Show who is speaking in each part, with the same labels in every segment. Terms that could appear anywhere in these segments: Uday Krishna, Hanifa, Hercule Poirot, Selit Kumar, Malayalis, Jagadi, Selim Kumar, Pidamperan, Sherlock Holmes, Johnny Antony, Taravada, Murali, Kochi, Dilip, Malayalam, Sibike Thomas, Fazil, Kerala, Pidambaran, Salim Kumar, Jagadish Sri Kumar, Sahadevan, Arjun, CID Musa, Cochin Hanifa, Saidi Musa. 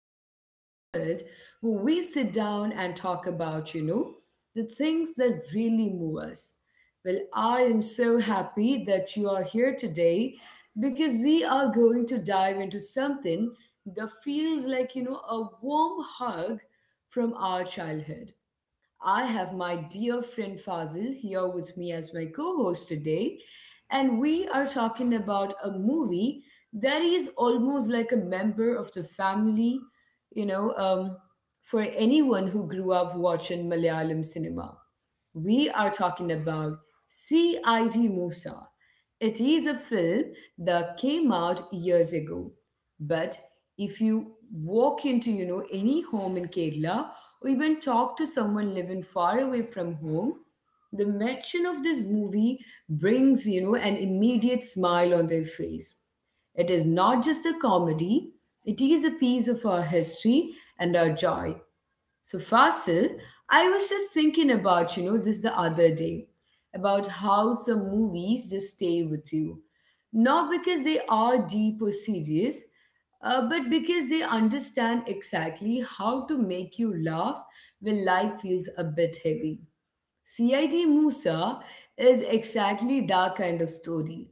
Speaker 1: corner of the world where we sit down and talk about, you know, the things that really move us. Well, I am so happy that you are here today because we are going to dive into something that feels like, you know, a warm hug from our childhood. I have my dear friend Fazil here with me as my co host today, and we are talking about a movie that is almost like a member of the family, you know, um, for anyone who grew up watching Malayalam cinema. We are talking about CID Musa. It is a film that came out years ago, but if you walk into, you know, any home in Kerala or even talk to someone living far away from home, the mention of this movie brings, you know, an immediate smile on their face. It is not just a comedy, it is a piece of our history and our joy. So Fasil, I was just thinking about, you know, this the other day, about how some movies just stay with you. Not because they are deep or serious, but because they understand exactly how to make you laugh when life feels a bit heavy. CID Musa is exactly that kind of story.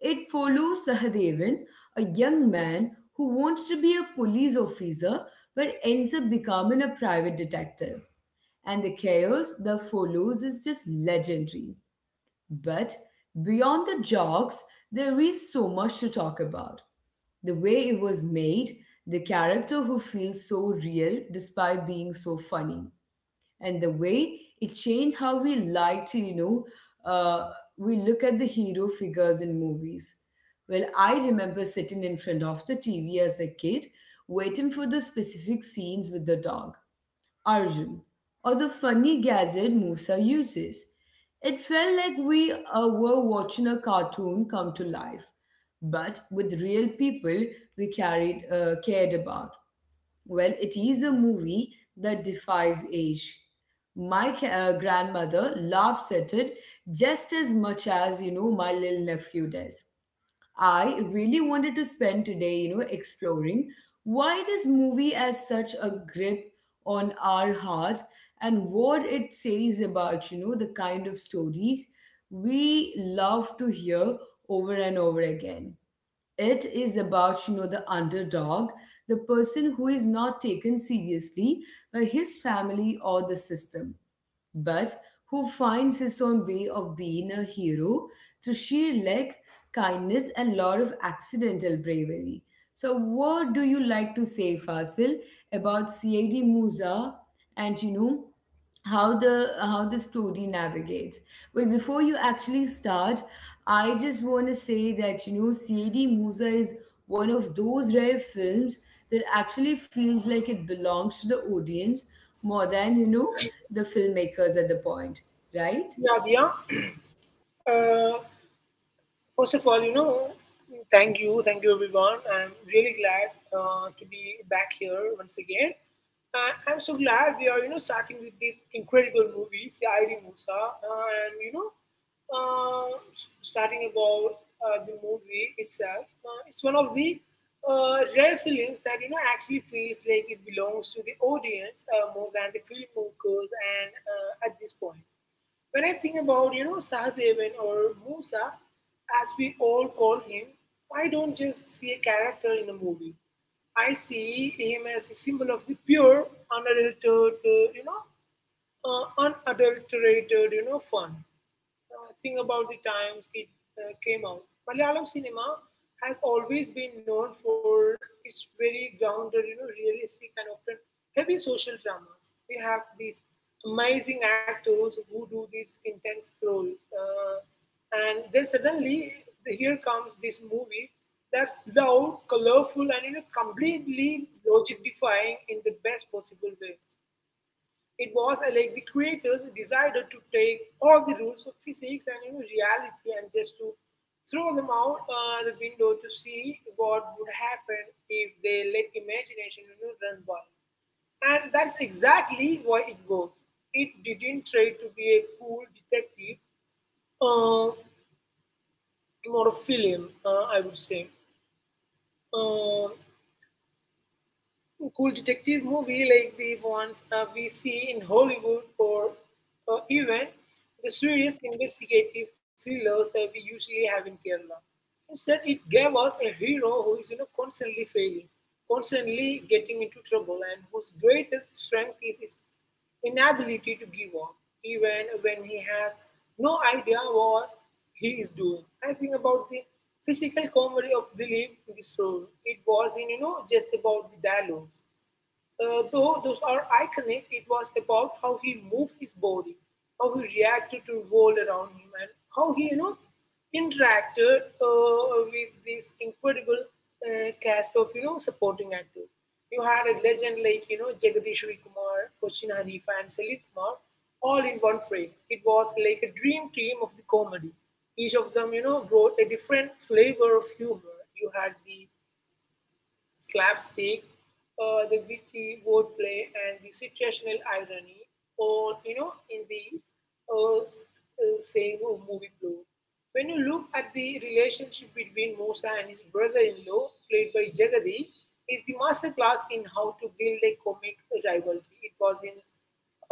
Speaker 1: It follows Sahadevan, a young man who wants to be a police officer but ends up becoming a private detective. And the chaos that follows is just legendary. But beyond the jokes, there is so much to talk about. The way it was made, the character who feels so real despite being so funny, and the way it changed how we like to uh, we look at the hero figures in movies. Well, I remember sitting in front of the TV as a kid waiting for the specific scenes with the dog Arjun or the funny gadget Musa uses. It felt like we were watching a cartoon come to life but with real people we carried cared about. Well, it is a movie that defies age. My grandmother laughs at it just as much as, you know, my little nephew does. I really wanted to spend today, you know, exploring why this movie has such a grip on our hearts and what it says about, you know, the kind of stories we love to hear over and over again. It is about, you know, the underdog, the person who is not taken seriously by his family or the system, but who finds his own way of being a hero through sheer luck, kindness, and lot of accidental bravery. So what do you like to say, Fasil, about CID Musa and, you know, how the story navigates? Well, before you actually start, I just want to say that, you know, CAD Musa is one of those rare films that actually feels like it belongs to the audience more than, you know, the filmmakers at the point, right?
Speaker 2: Nadia, uh, first of all, you know, thank you everyone. I'm really glad to be back here once again. I'm so glad we are, you know, starting with this incredible movie, Saidi Musa, and you know, starting about the movie itself. It's one of the rare films that you know actually feels like it belongs to the audience more than the filmmakers, and at this point. When I think about, you know, Sahadevan or Musa, as we all call him, I don't just see a character in a movie. I see him as a symbol of the pure, unadulterated, unadulterated, you know, fun. Think about the times it came out. Malayalam cinema has always been known for its very grounded, you know, realistic and often heavy social dramas. We have these amazing actors who do these intense roles, and then suddenly here comes this movie that's loud, colorful, and you know, completely logic defying in the best possible way. It was like the creators decided to take all the rules of physics and you know, reality and just to throw them out the window to see what would happen if they let imagination you know, run wild. And that's exactly why it works. It didn't try to be a cool detective uh, more a film, I would say. Um cool detective movie like the ones we see in Hollywood, or even the serious investigative thrillers that we usually have in Kerala. Instead, it gave us a hero who is you know, constantly failing, constantly getting into trouble, and whose greatest strength is his inability to give up, even when he has no idea what he is doing. I think about the physical comedy of Dilip in this role. It wasn't, you know, just about the dialogues. Though those are iconic, it was about how he moved his body, how he reacted to world around him, and how he, you know, interacted with this incredible cast of, you know, supporting actors. You had a legend like, you know, Jagadish Sri Kumar, Cochin Hanifa, and Selit Kumar all in one frame. It was like a dream team of the comedy. Each of them, you know, brought a different flavor of humor. You had the slapstick, the witty wordplay, and the situational irony all you know in the uh, same movie plot. When you look at the relationship between Musa and his brother-in-law, played by Jagadi, is the masterclass in how to build a comic rivalry. It was in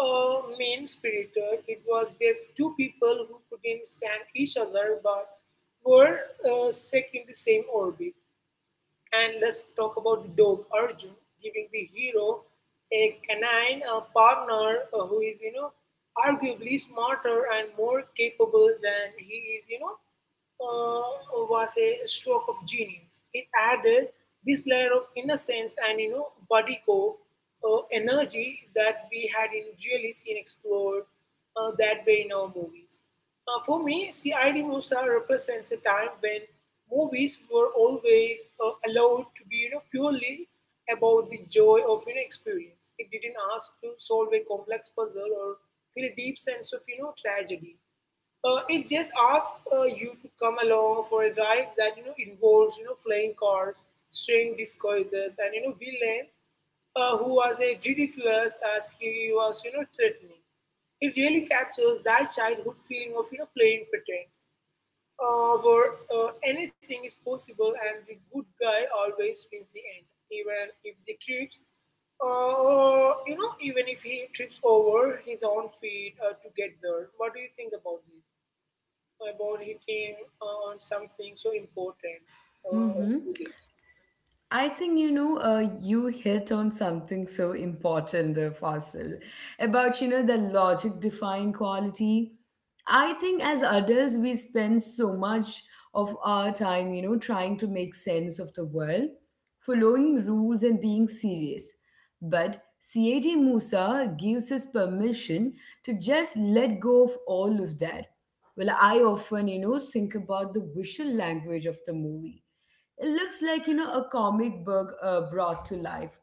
Speaker 2: mean-spirited. It was just two people who couldn't stand each other but were stuck in the same orbit. And let's talk about the dog Arjun giving the hero a canine partner who is, you know, arguably smarter and more capable than he is, you know, was a stroke of genius. It added this layer of innocence and you know body code energy that we hadn't really seen explored that way in our movies. For me, CID Musa represents a time when movies were always allowed to be you know purely about the joy of you know experience. It didn't ask to solve a complex puzzle or feel a deep sense of you know tragedy. It just asks you to come along for a ride that you know involves you know flying cars, strange disguises, and you know villain who was as ridiculous as he was you know threatening. It really captures that childhood feeling of you know playing pretend, where anything is possible and the good guy always wins the end, even if the trips you know, even if he trips over his own feet to get there. What do you think about this? About hitting on something so important
Speaker 1: Mm-hmm.
Speaker 2: through this.
Speaker 1: I think, you know, you hit on something so important there, Fasil, about, you know, the logic defying quality. I think as adults we spend so much of our time, you know, trying to make sense of the world, following rules and being serious. But CAT Musa gives us permission to just let go of all of that. Well, I often, you know, think about the visual language of the movie. It looks like, you know, a comic book brought to life.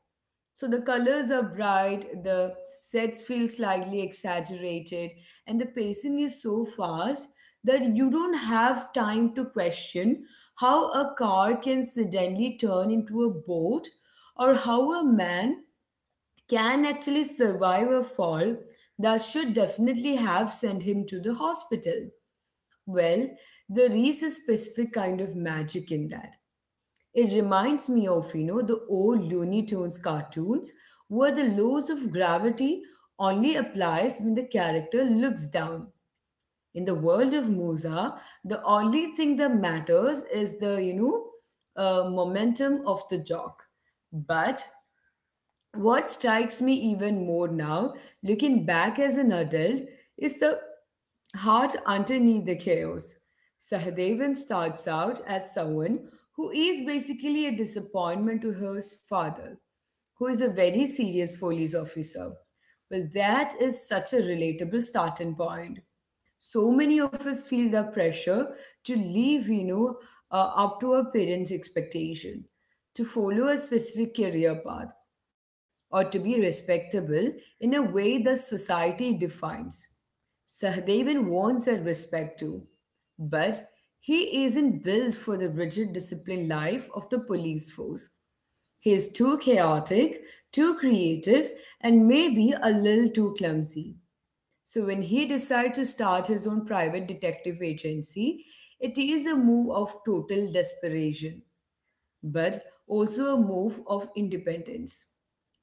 Speaker 1: So the colors are bright, the sets feel slightly exaggerated, and the pacing is so fast that you don't have time to question how a car can suddenly turn into a boat or how a man can actually survive a fall that should definitely have sent him to the hospital. Well, there is a specific kind of magic in that. It reminds me of, you know, the old Looney Tunes cartoons where the laws of gravity only applies when the character looks down. In the world of Musa, the only thing that matters is the momentum of the dog. But what strikes me even more now, looking back as an adult, is the heart underneath the chaos. Sahadevan starts out as someone who is basically a disappointment to her father, who is a very serious police officer. Well, that is such a relatable starting point. So many of us feel the pressure to live, up to our parents' expectation, to follow a specific career path, or to be respectable in a way the society defines. Sahadevan wants that respect too, but he isn't built for the rigid disciplined life of the police force. He is too chaotic, too creative, and maybe a little too clumsy. So when he decided to start his own private detective agency, it is a move of total desperation, but also a move of independence.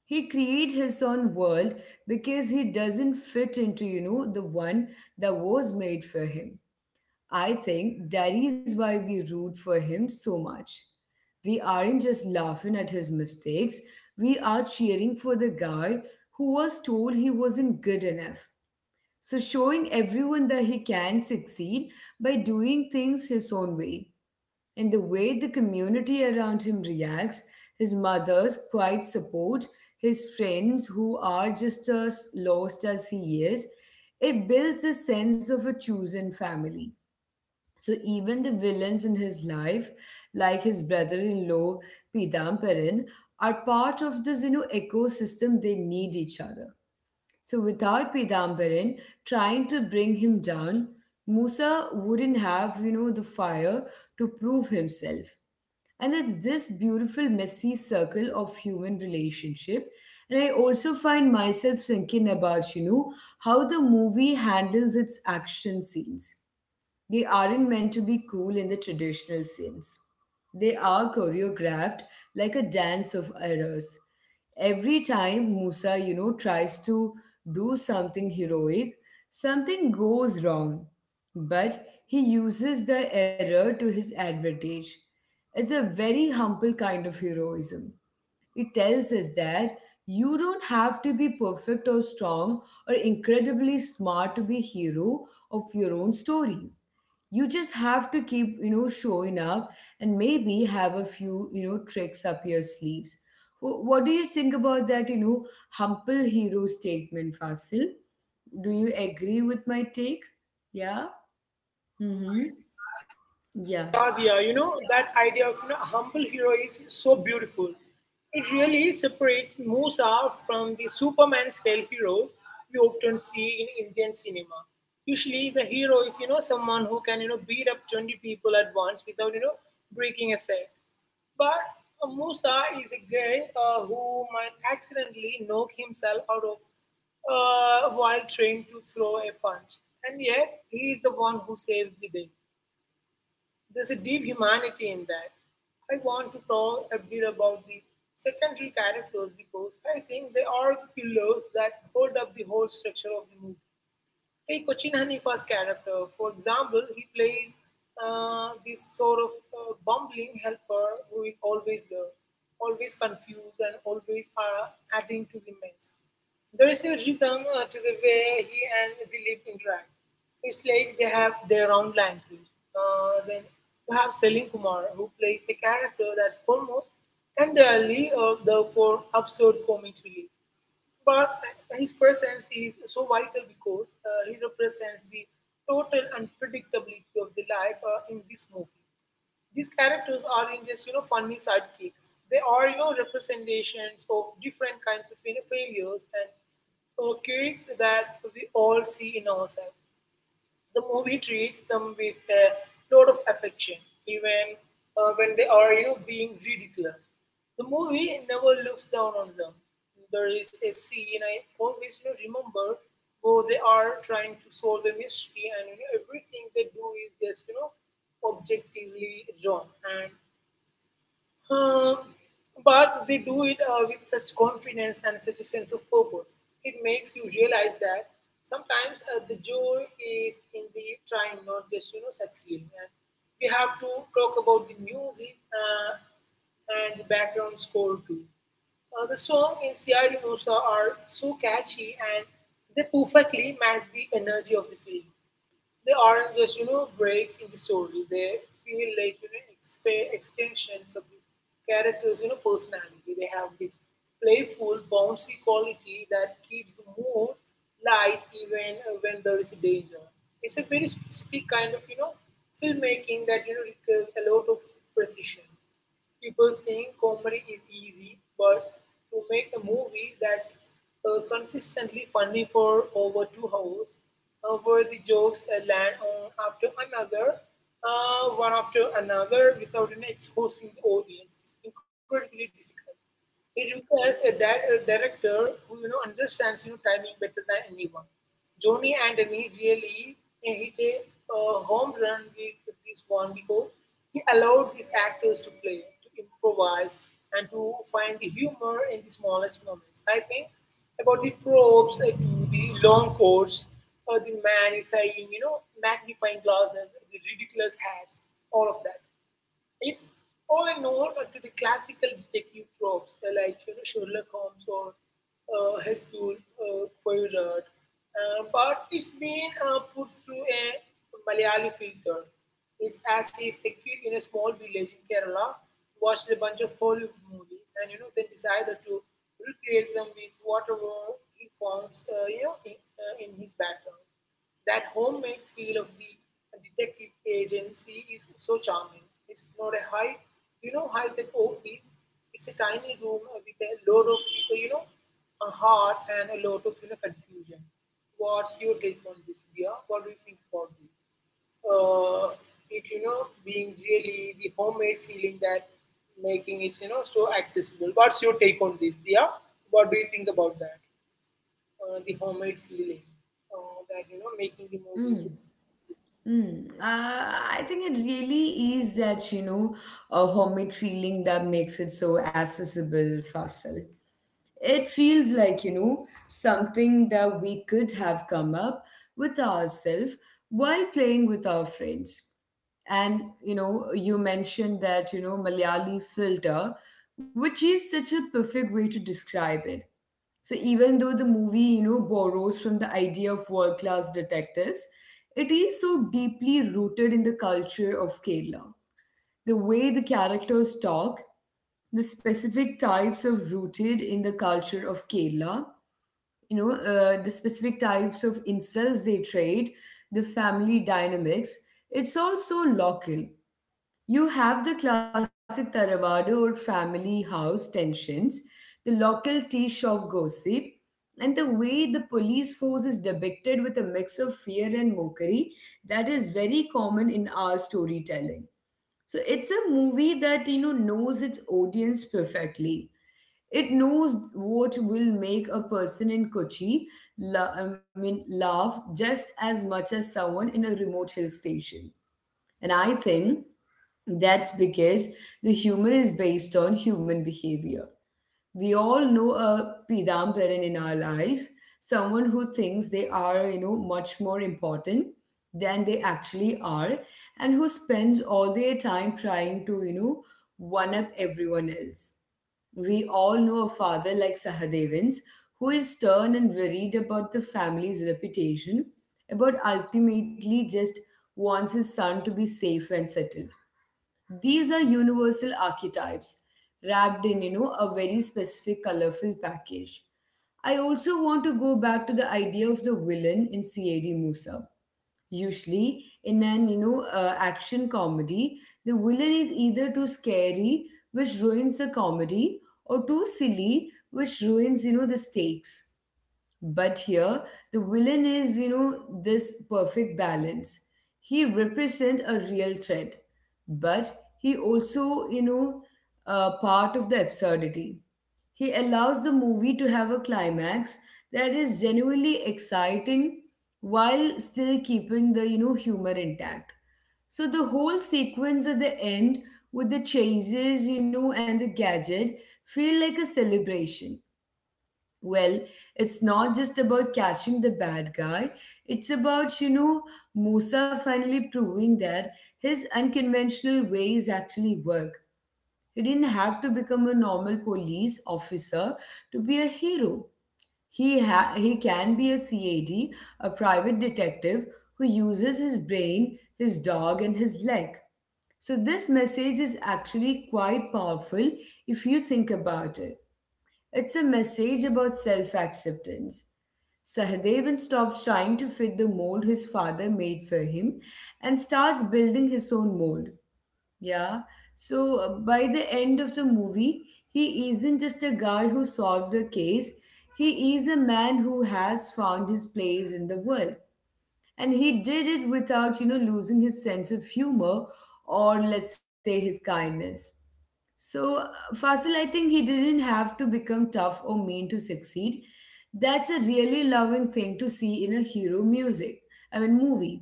Speaker 1: He create his own world because he doesn't fit into, you know, the one that was made for him. I think that is why we root for him so much. We aren't just laughing at his mistakes, we are cheering for the guy who was told he wasn't good enough, so, showing everyone that he can succeed by doing things his own way. And the way the community around him reacts, his mother's quiet support, his friends who are just as lost as he is, it builds the sense of a chosen family. So, even the villains in his life, like his brother in law, Pidamperan, are part of this, you know, ecosystem. They need each other. So without Pidambaran trying to bring him down, Musa wouldn't have, you know, the fire to prove himself. And it's this beautiful, messy circle of human relationship. And I also find myself thinking about, you know, how the movie handles its action scenes. They aren't meant to be cool in the traditional sense. They are choreographed like a dance of errors. Every time Musa, you know, tries to do something heroic, something goes wrong. But he uses the error to his advantage. It's a very humble kind of heroism. It tells us that you don't have to be perfect or strong or incredibly smart to be hero of your own story. You just have to keep, you know, showing up, and maybe have a few, you know, tricks up your sleeves. What do you think about that, you know, humble hero statement, Fasil? Do you agree with my take? Yeah. Mm-hmm. Yeah.
Speaker 2: Yeah, Diya, you know, that idea of you know, humble hero is so beautiful. It really separates Musa from the Superman style heroes we often see in Indian cinema. Usually, the hero is, you know, someone who can, you know, beat up 20 people at once without, you know, breaking a set. But Musa is a guy who might accidentally knock himself out of while trying to throw a punch. And yet, he is the one who saves the day. There's a deep humanity in that. I want to talk a bit about the secondary characters because I think they are the pillars that hold up the whole structure of the movie. Take Cochin Hanifa's character, for example, he plays this sort of bumbling helper who is always there, always confused, and always adding to the mess. There is a rhythm to the way he and Dilip interact. It's like they have their own language. Then you have Selim Kumar, who plays a character that's almost entirely there for absurd comic relief. But his presence is so vital because he represents the total unpredictability of the life in this movie. These characters aren't just you know funny sidekicks. They are you know representations of different kinds of you know, failures and quirks that we all see in ourselves. The movie treats them with a lot of affection, even when they are you know, being ridiculous. The movie never looks down on them. There is a scene I always you know, remember where they are trying to solve a mystery, and you know, everything they do is just you know objectively wrong. And uh, but they do it with such confidence and such a sense of purpose. It makes you realize that sometimes the joy is in the trying, not just you know succeeding. And we have to talk about the music and the background score too. The song in Siari Musa are so catchy and they perfectly match the energy of the film. They aren't just you know breaks in the story. They feel like you know extensions of the characters' you know personality. They have this playful, bouncy quality that keeps the mood light even when there is a danger. It's a very specific kind of you know filmmaking that you know requires a lot of precision. People think comedy is easy, but to make a movie that's consistently funny for over 2 hours, where the jokes land on after another, one after another, without you know, exposing the audience, is incredibly difficult. It requires a, a director who you know understands you know timing better than anyone. Johnny Antony really hit a home run with this one because he allowed his actors to play, to improvise, and to find the humor in the smallest moments. I think about the props, to the long coats, the magnifying, you know, magnifying glasses, the ridiculous hats, all of that. It's all a nod to the classical detective tropes like you know, Sherlock Holmes or Hercule Poirot, but it's been put through a Malayali filter. It's as if a kid in a small village in Kerala watched a bunch of Hollywood movies and you know then decided to recreate them with whatever he found in his background. That homemade feel of the a detective agency is so charming. It's not a high-tech office. It's a tiny room with a lot of people, you know, a heart and a lot of you know confusion. What's your take on this, Dia? What do you think about this? Uh, it you know being really the homemade feeling that making it you know so accessible. What's your take on this, Dia? What do you think about that? The homemade feeling that you know making the movie
Speaker 1: Mm.
Speaker 2: so
Speaker 1: Mm. I think it really is that, you know, a homemade feeling that makes it so accessible, Fasil. It feels like, you know, something that we could have come up with ourselves while playing with our friends. And, you know, you mentioned that, you know, Malayali filter, which is such a perfect way to describe it. So even though the movie, you know, borrows from the idea of world class detectives, it is so deeply rooted in the culture of Kerala. The way the characters talk, the specific types of rooted in the culture of Kerala, the specific types of insults they trade, the family dynamics. It's also local. You have the classic Taravada or family house tensions, the local tea shop gossip, and the way the police force is depicted with a mix of fear and mockery that is very common in our storytelling. So it's a movie that, you know, knows its audience perfectly. It knows what will make a person in Kochi I mean, laugh just as much as someone in a remote hill station. And I think that's because the humor is based on human behavior. We all know a Pidambaran in our life, someone who thinks they are, you know, much more important than they actually are, and who spends all their time trying to, you know, one up everyone else. We all know a father like Sahadevans who is stern and worried about the family's reputation, about ultimately just wants his son to be safe and settled. These are universal archetypes wrapped in, you know, a very specific colorful package. I also want to go back to the idea of the villain in CAD Musa. Usually, in an action comedy, the villain is either too scary, which ruins the comedy, or too silly, which ruins, you know, the stakes. But here, the villain is, you know, this perfect balance. He represents a real threat, but he also, you know, part of the absurdity. He allows the movie to have a climax that is genuinely exciting while still keeping the, you know, humor intact. So the whole sequence at the end with the chases, you know, and the gadget feel like a celebration. Well, it's not just about catching the bad guy. It's about, you know, Musa finally proving that his unconventional ways actually work. He didn't have to become a normal police officer to be a hero. He can be a CAD, a private detective who uses his brain, his dog, and his leg. So, this message is actually quite powerful if you think about it. It's a message about self acceptance. Sahadevan stops trying to fit the mold his father made for him and starts building his own mold. Yeah. So by the end of the movie, he isn't just a guy who solved a case, he is a man who has found his place in the world. And he did it without, you know, losing his sense of humor or, let's say, his kindness. So, uh, Fasil, I think he didn't have to become tough or mean to succeed. That's a really loving thing to see in a hero movie.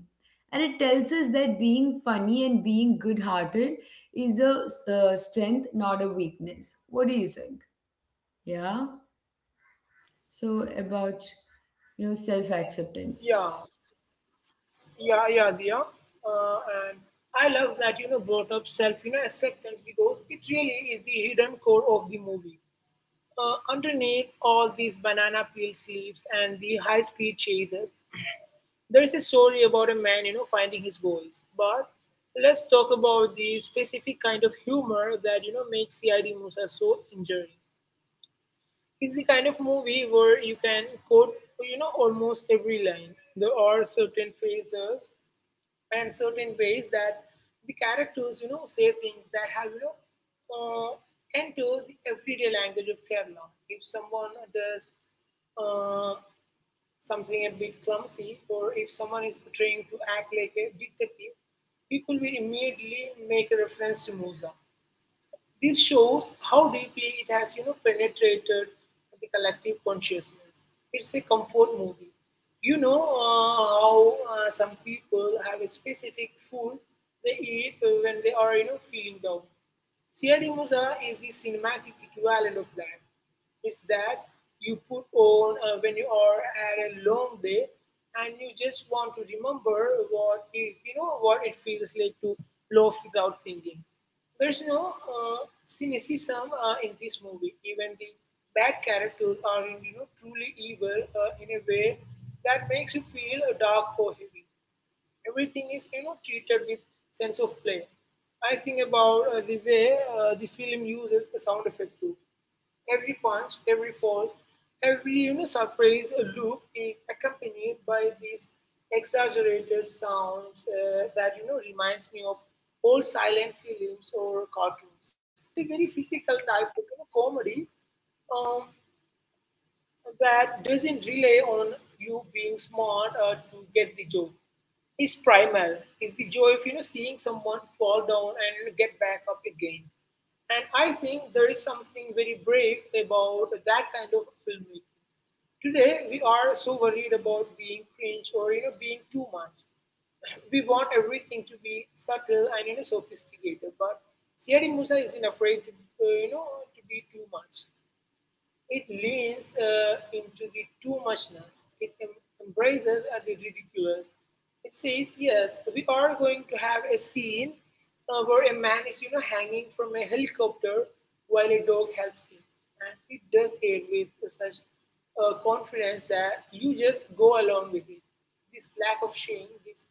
Speaker 1: And it tells us that being funny and being good hearted is a strength, not a weakness. What do you think? Yeah? So, about, you know, self
Speaker 2: yeah.
Speaker 1: acceptance.
Speaker 2: Yeah, yeah, Diya. Uh, and I love that you know brought up self you know acceptance because it really is the hidden core of the movie. Underneath all these banana peel sleeves and the high speed chases, there is a story about a man you know finding his voice. But let's talk about the specific kind of humor that you know makes CID. Musa so enduring. It's the kind of movie where you can quote you know almost every line. There are certain phrases and certain ways that the characters, you know, say things that have, you know, uh, enter the everyday language of Kerala. If someone does uh, something a bit clumsy, or if someone is trying to act like a detective, people will immediately make a reference to Musa. This shows how deeply it has you know penetrated the collective consciousness. It's a comfort movie. You know how Some people have a specific food they eat when they are feeling down. Siyadi Musa is the cinematic equivalent of that. It's that you put on when you are at a long day and you just want to remember what it feels like to love without thinking. There's no cynicism in this movie. Even the bad characters are truly evil in a way that makes you feel dark or heavy. Everything is treated with sense of play. I think about the way the film uses the sound effect too. Every punch, every fall, every surprise loop is accompanied by these exaggerated sounds that reminds me of old silent films or cartoons. It's a very physical type of comedy, um, that doesn't rely on you being smart to get the job. It's primal. It's the joy of seeing someone fall down and get back up again. And I think there is something very brave about that kind of filmmaking. Today we are so worried about being cringe or being too much. We want everything to be subtle and sophisticated, but Siyadi Musa isn't afraid to to be too much. It leans into the too muchness, it embraces the ridiculous. It says, yes, we are going to have a scene where a man is, hanging from a helicopter while a dog helps him. And it does it with such confidence that you just go along with it. This lack of shame, this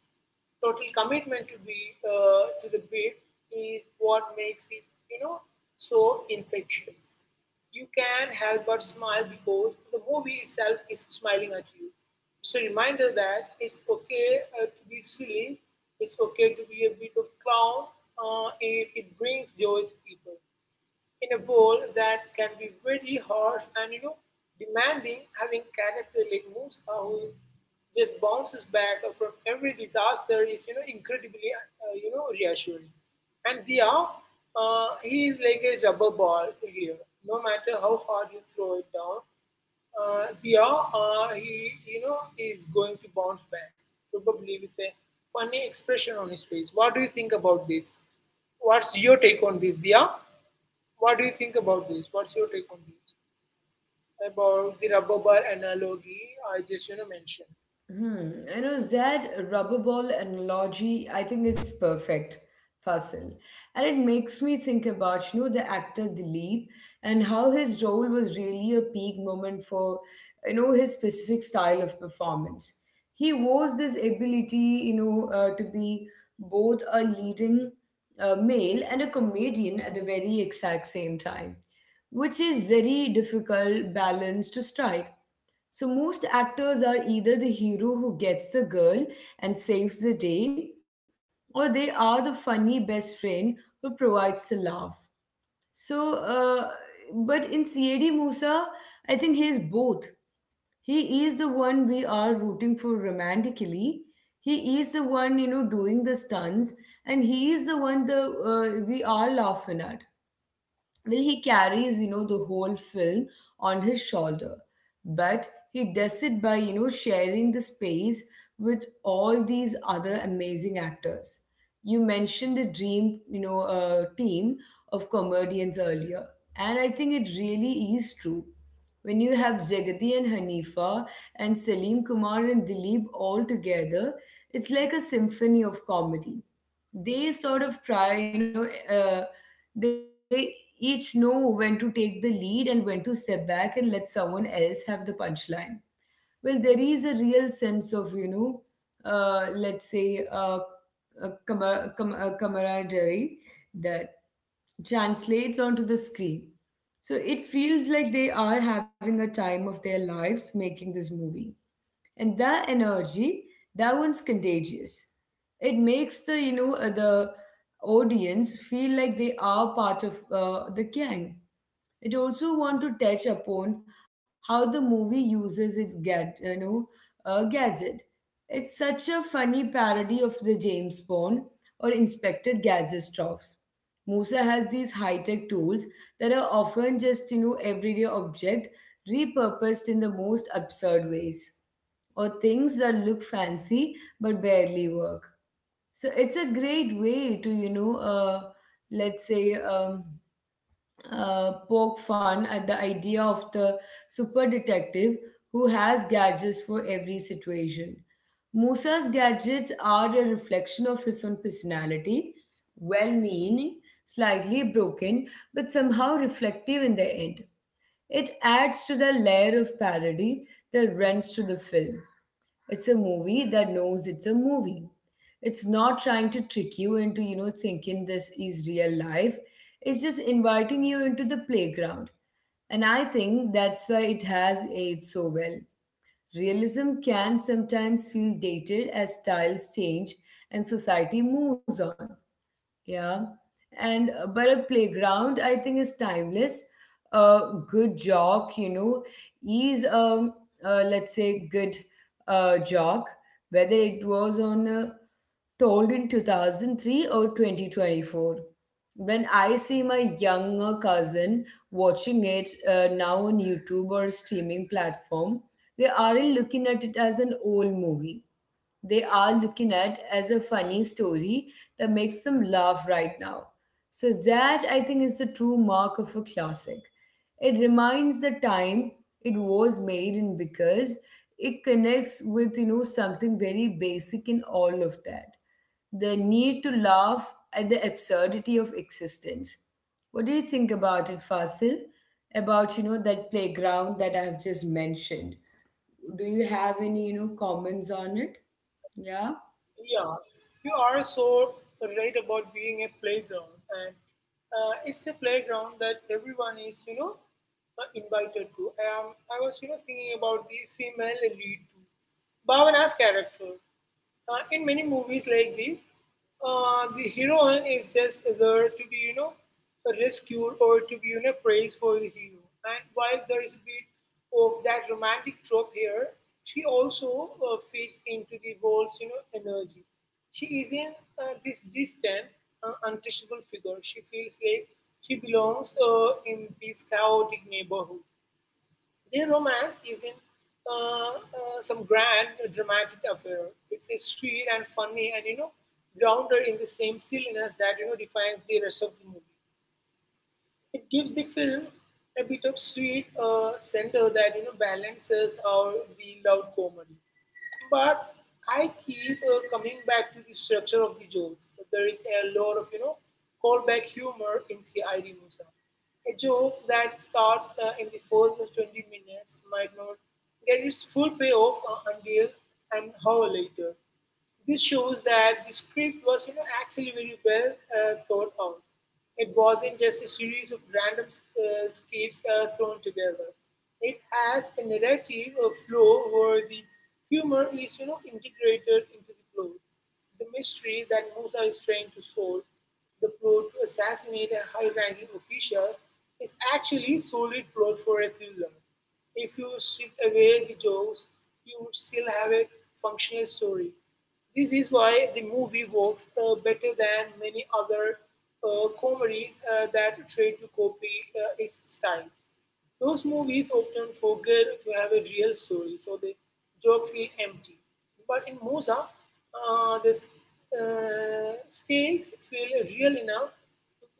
Speaker 2: total commitment to be to the bit is what makes it, you know, so infectious. You can't help but smile because the movie itself is smiling at you. It's a reminder that it's okay to be silly, it's okay to be a bit of clown if it brings joy to people in a world that can be very harsh and demanding. Having character like Musa who is just bounces back from every disaster is incredibly reassuring. And Dia, he is like a rubber ball here. No matter how hard you throw it down, Dia, he is going to bounce back, probably with a funny expression on his face. What do you think about this? What's your take on this, Dia? What do you think about this? What's your take on this? About the rubber ball analogy I just mentioned.
Speaker 1: Hmm. You know, that rubber ball analogy, I think is perfect, Fasil. And it makes me think about, you know, the actor Dilip and how his role was really a peak moment for, you know, his specific style of performance. He was this ability, you know, to be both a leading male and a comedian at the very exact same time, which is very difficult balance to strike, so most actors are either the hero who gets the girl and saves the day, or they are the funny best friend who provides the laugh. So, uh, but in CAD Musa, I think he is both. He is the one we are rooting for romantically. He is the one you know doing the stunts, and he is the one the we are laughing at. Well, he carries you know the whole film on his shoulder, but he does it by you know sharing the space with all these other amazing actors. You mentioned the dream, you know, team of comedians earlier, and I think it really is true. When you have Jagadi and Hanifa and Salim Kumar and Dilip all together, it's like a symphony of comedy. They sort of try, you know, uh, they each know when to take the lead and when to step back and let someone else have the punchline. Well, there is a real sense of, you know, let's say, camaraderie that translates onto the screen. So it feels like they are having a time of their lives making this movie, and that energy, that one's contagious. It makes the the audience feel like they are part of the gang. It also want to touch upon how the movie uses its gadget. It's such a funny parody of the James Bond or Inspector Gadget tropes. Musa has these high-tech tools that are often just you know everyday object repurposed in the most absurd ways, or things that look fancy but barely work. So it's a great way to, you know, let's say, um, poke fun at the idea of the super detective who has gadgets for every situation. Musa's gadgets are a reflection of his own personality, well meaning, slightly broken, but somehow reflective in the end. It adds to the layer of parody that runs through the film. It's a movie that knows it's a movie. It's not trying to trick you into, you know, thinking this is real life. It's just inviting you into the playground. And I think that's why it has aged so well. Realism can sometimes feel dated as styles change and society moves on. Yeah. And but a playground, I think, is timeless. A good jog, you know, is let's say good jog, whether it was on told in 2003 or 2024. When I see my younger cousin watching it now on YouTube or streaming platform, they aren't looking at it as an old movie, they are looking at as a funny story that makes them laugh right now. So, that I think is the true mark of a classic. It reminds the time it was made in because it connects with you know something very basic in all of that, the need to laugh at the absurdity of existence. What do you think about it, Fasil, about you know that playground that I have just mentioned? Do you have any you know comments on it? Yeah.
Speaker 2: Yeah, you are so right about being a playground, and it's a playground that everyone is invited to. I was thinking about the female lead too. Bhavana's character. In many movies like these, the heroine is just there to be, rescued or to be, praised for the hero. And while there is a bit of that romantic trope here, she also fits into the world's, energy. She isn't this distant, untouchable figure. She feels like she belongs in this chaotic neighborhood. Their romance isn't some grand dramatic affair. It's a sweet and funny and grounded in the same silliness that defines the rest of the movie. It gives the film a bit of sweet center that balances out the loud comedy. But I keep coming back to the structure of the jokes. There is a lot of callback humor in CID Musa. A joke that starts in the first 20 minutes might not get its full payoff until an hour later. This shows that the script was actually very well thought out. It wasn't just a series of random skits thrown together. It has a narrative, a flow where the humor is integrated into the plot. The mystery that Musa is trying to solve, the plot to assassinate a high ranking official, is actually a solid plot for a thriller. If you strip away the jokes, you would still have a functional story. This is why the movie works better than many other comedies that try to copy its style. Those movies often forget to have a real story, so the joke feel empty. But in Mosa, uh, the s- stakes feel real enough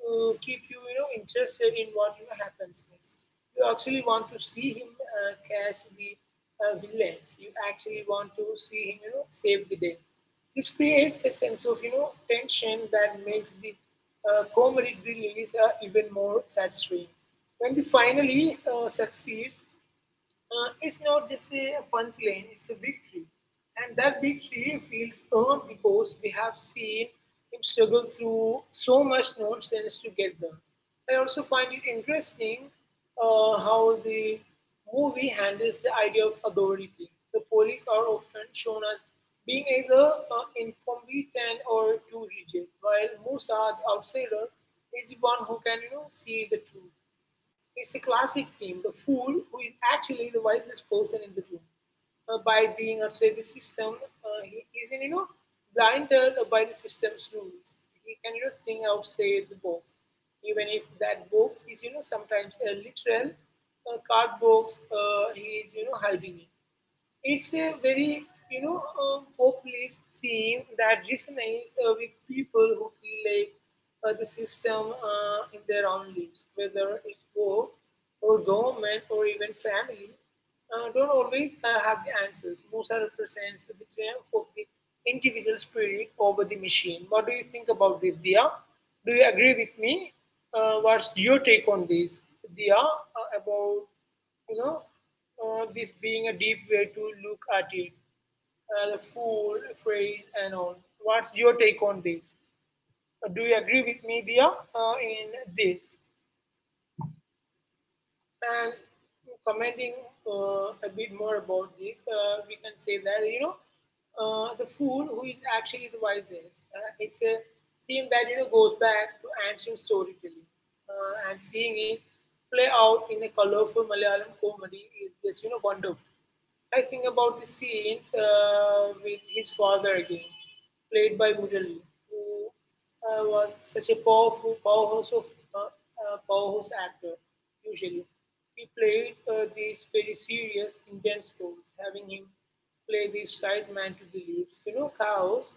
Speaker 2: to keep you, interested in what happens next. You actually want to see him catch the villains. You actually want to see him, save the day. This creates a sense of tension that makes the comedic thrill is even more satisfying. When they finally succeeds, it's not just a punchline, it's a victory. And that victory feels earned because we have seen him struggle through so much nonsense to get there. I also find it interesting how the movie handles the idea of authority. The police are often shown as being either incompetent or too rigid, while Musa, the outsider, is the one who can see the truth. It's a classic theme, the fool who is actually the wisest person in the room. By being outside the system, he isn't, blinded by the system's rules. He can, think outside the box, even if that box is, sometimes a literal card box he is, hiding in. It's a very, populist theme that resonates with people who feel like the system in their own lives, whether it's work or government or even family, don't always have the answers. Musa represents the triumph of the individual spirit over the machine. What do you think about this, Dia? Do you agree with me? What's your take on this, Dia, about you know, this being a deep way to look at it, the food, phrase, and all. What's your take on this? Do you agree with me, Dia, in this? And commenting a bit more about this, we can say that, the fool who is actually the wisest. It's a theme that, goes back to ancient storytelling and seeing it play out in a colorful Malayalam comedy is just, wonderful. I think about the scenes with his father again, played by Murali, who was such a powerful powerhouse of powerhouse actor. Usually, he played these very serious, intense roles. Having him play the side man to the leaves, cows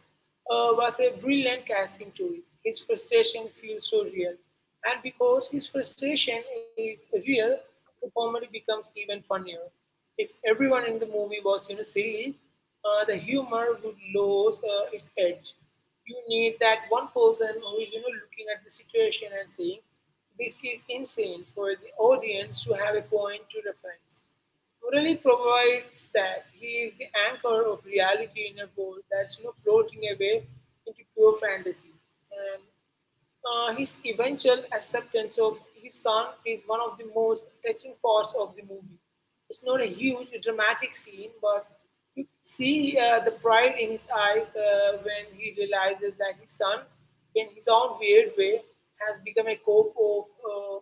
Speaker 2: was a brilliant casting choice. His frustration feels so real. And because his frustration is real, the comedy becomes even funnier. If everyone in the movie was silly, the humor would lose its edge. You need that one person who is looking at the situation and saying, this is insane, for the audience to have a point to reference. Morelli provides that. He is the anchor of reality in a world that's floating away into pure fantasy. And his eventual acceptance of his son is one of the most touching parts of the movie. It's not a huge dramatic scene, but you can see the pride in his eyes when he realizes that his son, in his own weird way, has become a cop uh,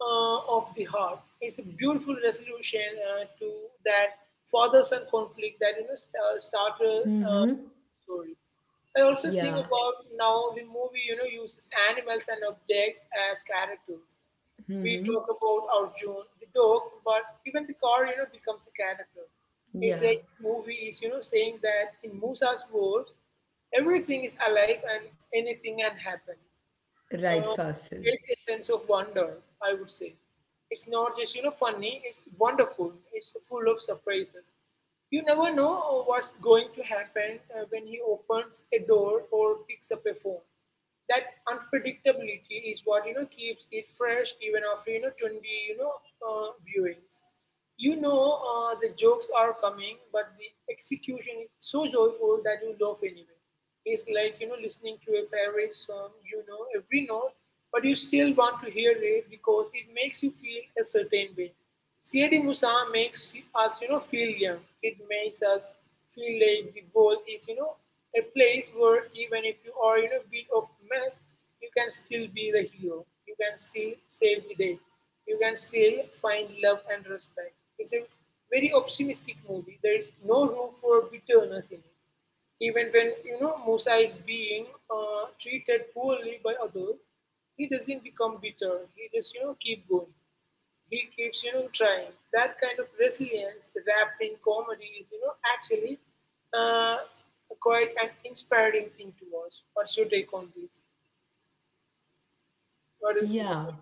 Speaker 2: uh, of the Heart. It's a beautiful resolution to that father-son conflict that started
Speaker 1: Mm-hmm.
Speaker 2: story. I also think
Speaker 1: Yeah.
Speaker 2: about now the movie uses animals and objects as characters. We
Speaker 1: Mm-hmm.
Speaker 2: talk about our June, the dog, but even the car becomes a character. It's
Speaker 1: Yeah.
Speaker 2: like the movie is saying that in Musa's world, everything is alive and anything can happen.
Speaker 1: Right,
Speaker 2: uh,
Speaker 1: Fasil.
Speaker 2: Creates a sense of wonder, I would say. It's not just, funny, it's wonderful. It's full of surprises. You never know what's going to happen when he opens a door or picks up a phone. That unpredictability is what, keeps it fresh even after, 20, viewings. The jokes are coming, but the execution is so joyful that you laugh anyway. Is like listening to a favorite song. You know every note, but you still want to hear it because it makes you feel a certain way. C.A.D. Musa makes us feel young. It makes us feel like the world is a place where even if you are in a bit of mess, you can still be the hero. You can still save the day. You can still find love and respect. It's a very optimistic movie. There is no room for bitterness in it. Even when Musa is being treated poorly by others, he doesn't become bitter. He just keep going. He keeps trying. That kind of resilience wrapped in comedy is actually uh, quite an inspiring thing to watch. What's your take on this? What do you think about
Speaker 1: Yeah.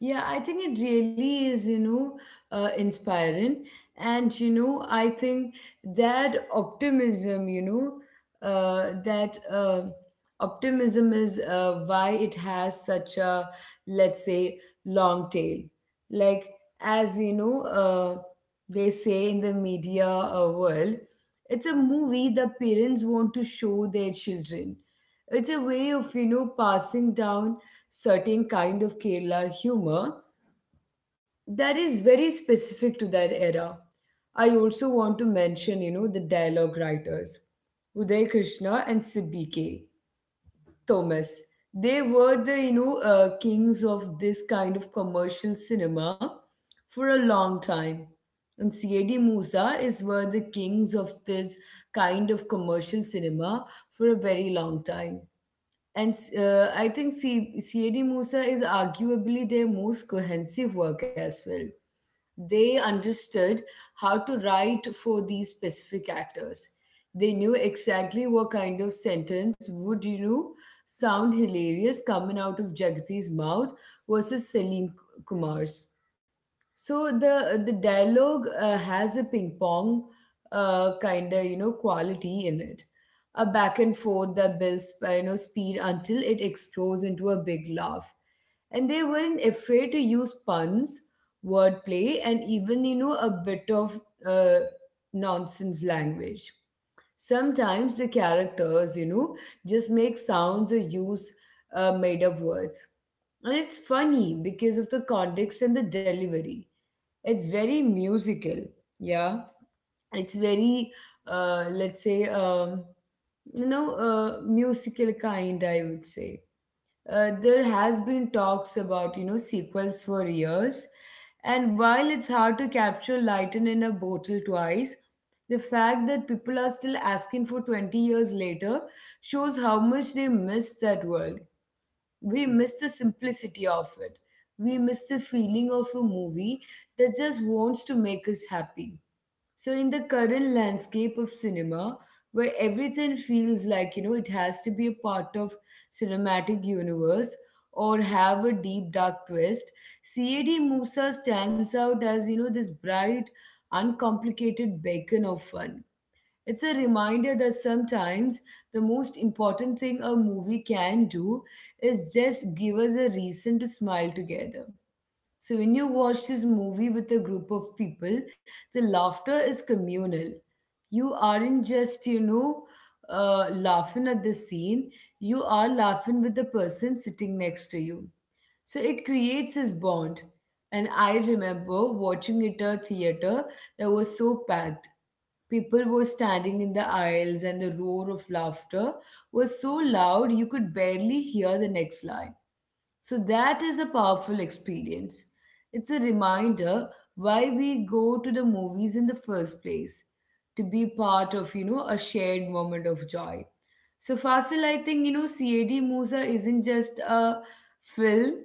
Speaker 1: Yeah, I think it really is, you know, inspiring. And, you know, I think that optimism, you know, that optimism is why it has such a, let's say, long tail. Like, as you know, they say in the media world, it's a movie the parents want to show their children. It's a way of, you know, passing down certain kind of Kerala humor that is very specific to that era. I also want to mention, you know, the dialogue writers, Uday Krishna and Sibike Thomas. They were the, you know, kings of this kind of commercial cinema for a long time. And C.A.D. Musa is were the kings of this kind of commercial cinema for a very long time. And I think CAD Musa is arguably their most cohesive work as well. They understood how to write for these specific actors. They knew exactly what kind of sentence would, you know, sound hilarious coming out of Jagdi's mouth versus Salim Kumar's. So the dialogue has a ping pong kind of you know quality in it, a back and forth that builds you know speed until it explodes into a big laugh. And they weren't afraid to use puns, wordplay, and even you know a bit of uh, nonsense language. Sometimes the characters, you know, just make sounds or use made up words. And it's funny because of the context and the delivery. It's very musical, yeah. It's very, uh, let's say, um, you know, musical kind, I would say. There has been talks about you know sequels for years, and while it's hard to capture lightning in a bottle twice, the fact that people are still asking for 20 years later shows how much they miss that world. We miss the simplicity of it, we miss the feeling of a movie that just wants to make us happy. So, in the current landscape of cinema, where everything feels like you know it has to be a part of cinematic universe or have a deep dark twist, CAD Musa stands out as you know this bright, uncomplicated beacon of fun. It's a reminder that sometimes the most important thing a movie can do is just give us a reason to smile together. So when you watch this movie with a group of people, the laughter is communal. You aren't just, you know, laughing at the scene, you are laughing with the person sitting next to you. So it creates this bond. And I remember watching it at a theater that was so packed. People were standing in the aisles, and the roar of laughter was so loud you could barely hear the next line. So that is a powerful experience. It's a reminder why we go to the movies in the first place, to be part of, you know, a shared moment of joy. So Fasil, I think, you know, CAD Musa isn't just a film,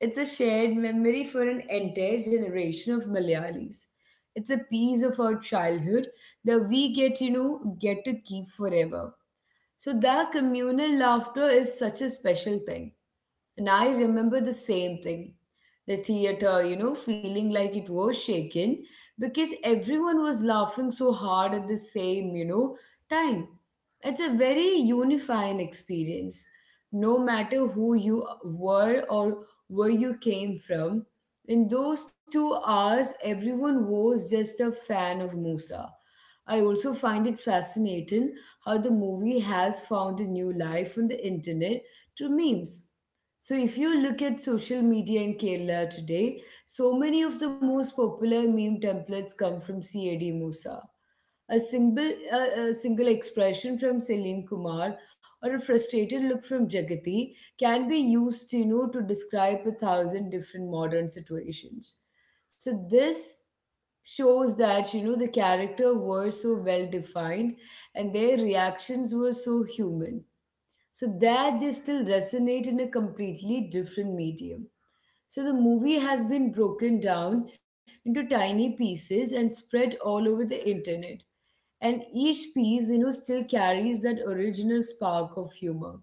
Speaker 1: it's a shared memory for an entire generation of Malayalis. It's a piece of our childhood that we get to keep forever. So that communal laughter is such a special thing. And I remember the same thing. The theater, you know, feeling like it was shaken because everyone was laughing so hard at the same, you know, time. It's a very unifying experience. No matter who you were or where you came from, in those 2 hours, everyone was just a fan of Musa. I also find it fascinating how the movie has found a new life on the internet through memes. So if you look at social media in Kerala today, so many of the most popular meme templates come from CAD Musa. A single expression from Selim Kumar or a frustrated look from Jagati can be used, you know, to describe a thousand different modern situations. So this shows that you know the character were so well defined and their reactions were so human so that they still resonate in a completely different medium. So the movie has been broken down into tiny pieces and spread all over the internet. And each piece, you know, still carries that original spark of humor.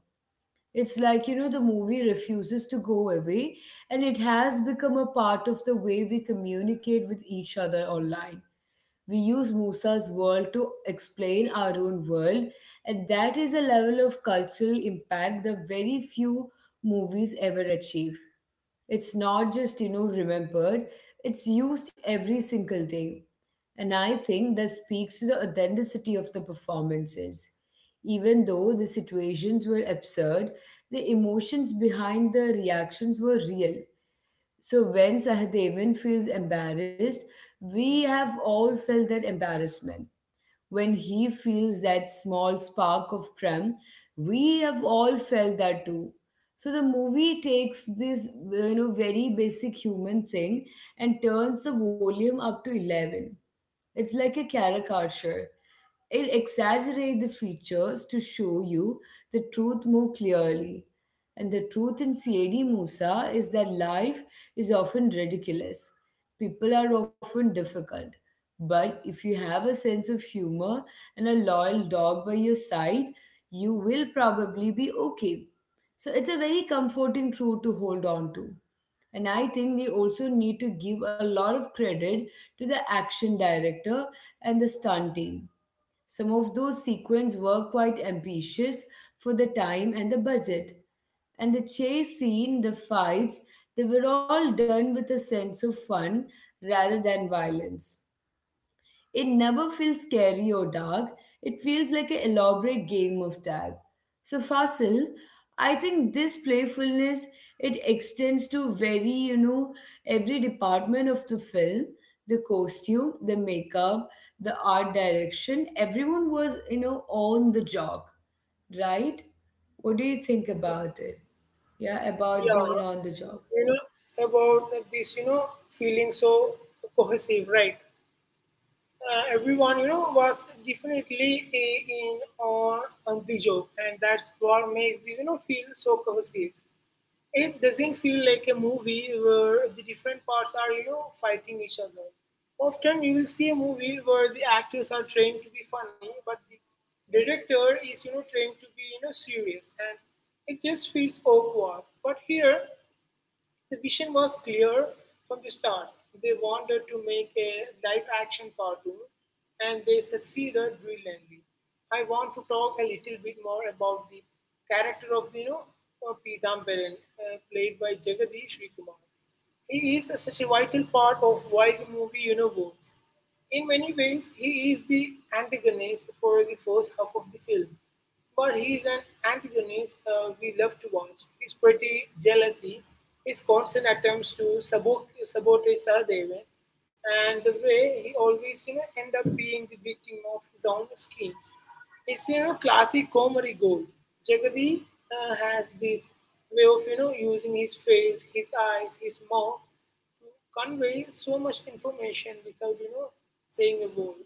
Speaker 1: It's like, the movie refuses to go away, and it has become a part of the way we communicate with each other online. We use Musa's world to explain our own world, and that is a level of cultural impact that very few movies ever achieve. It's not just, remembered, it's used every single day. And I think that speaks to the authenticity of the performances. Even though the situations were absurd, the emotions behind the reactions were real. So when Sahadevan feels embarrassed, we have all felt that embarrassment. When he feels that small spark of prem, we have all felt that too. So the movie takes this very basic human thing and turns the volume up to 11. It's like a caricature. It exaggerates the features to show you the truth more clearly. And the truth in CAD Musa is that life is often ridiculous. People are often difficult. But if you have a sense of humor and a loyal dog by your side, you will probably be okay. So it's a very comforting truth to hold on to. And I think we also need to give a lot of credit to the action director and the stunt team. Some of those sequences were quite ambitious for the time and the budget. And the chase scene, the fights, they were all done with a sense of fun rather than violence. It never feels scary or dark. It feels like an elaborate game of tag. So Fasil, I think this playfulness, it extends to, every department of the film, the costume, the makeup, the art direction. Everyone was, on the jog, right? What do you think about it? Yeah,
Speaker 2: it?
Speaker 1: about
Speaker 2: Yeah,
Speaker 1: being on the job.
Speaker 2: you know about this. Feeling so cohesive, right? Everyone was definitely in on the joke, and that's what makes it, feel so cohesive. It doesn't feel like a movie where the different parts are fighting each other. Often you will see a movie where the actors are trained to be funny, but the director is trained to be serious, and it just feels awkward. But here the vision was clear from the start. They wanted to make a live action cartoon, and they succeeded brilliantly. I want to talk a little bit more about the character of Pidambaran, played by Jagadish Srikumar. He is such a vital part of why the movie works. In many ways, he is the antagonist for the first half of the film, but he is an antagonist we love to watch. His petty jealousy, his constant attempts to sabotage Sahadevan, and the way he always end up being the victim of his own schemes. It's classic comedy gold. Jagadi has this way of using his face, his eyes, his mouth to convey so much information without saying a word.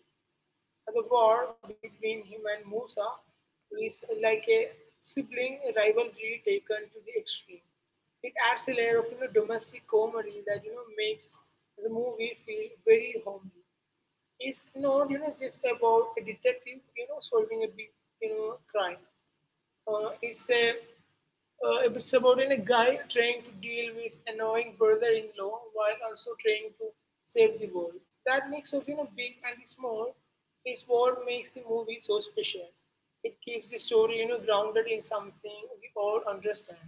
Speaker 2: And the war between him and Musa is like a sibling rivalry taken to the extreme. It adds a layer of domestic comedy that makes the movie feel very homely. It's not just about a detective solving a big crime. It's a it's about in a guy trying to deal with annoying brother-in-law while also trying to save the world. That mix of big and small is what makes the movie so special. It keeps the story grounded in something we all understand: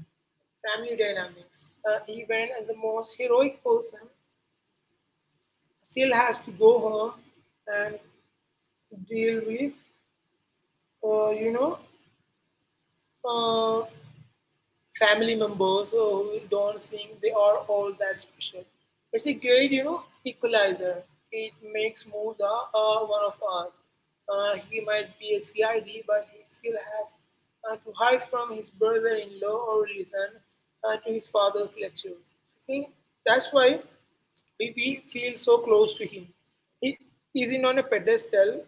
Speaker 2: family dynamics. Even the most heroic person still has to go home and deal with, uh, you know, uh, family members who don't think they are all that special. It's a great, equalizer. It makes Musa one of us. He might be a C I D, but he still has to hide from his brother-in-law or listen to his father's lectures. I think that's why we feel so close to him. He isn't on a pedestal.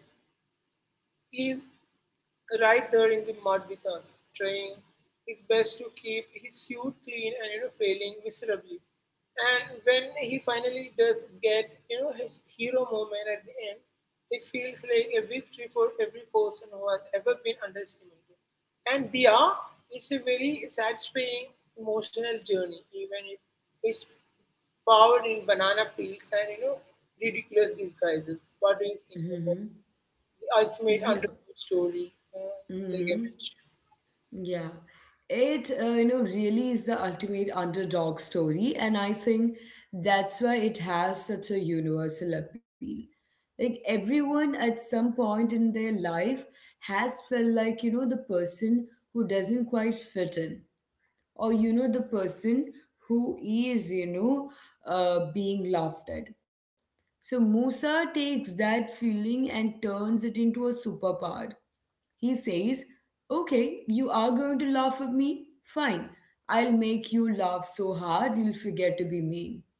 Speaker 2: He is right there in the mud with us, trying his best to keep his suit clean and failing miserably. And when he finally does get his hero moment at the end, it feels like a victory for every person who has ever been underestimated. And Dia, it's a very satisfying emotional journey, even if it's powered in banana peels and ridiculous disguises. What do you think about
Speaker 1: Mm-hmm.
Speaker 2: the ultimate
Speaker 1: Yeah.
Speaker 2: underdog story, uh, like I
Speaker 1: Mm-hmm.
Speaker 2: mentioned?
Speaker 1: Yeah, it you know really is the ultimate underdog story, and I think that's why it has such a universal appeal. Like everyone at some point in their life has felt like the person who doesn't quite fit in, or the person who is being laughed at. So Musa takes that feeling and turns it into a superpower. He says, okay, you are going to laugh at me? Fine, I'll make you laugh so hard you'll forget to be mean.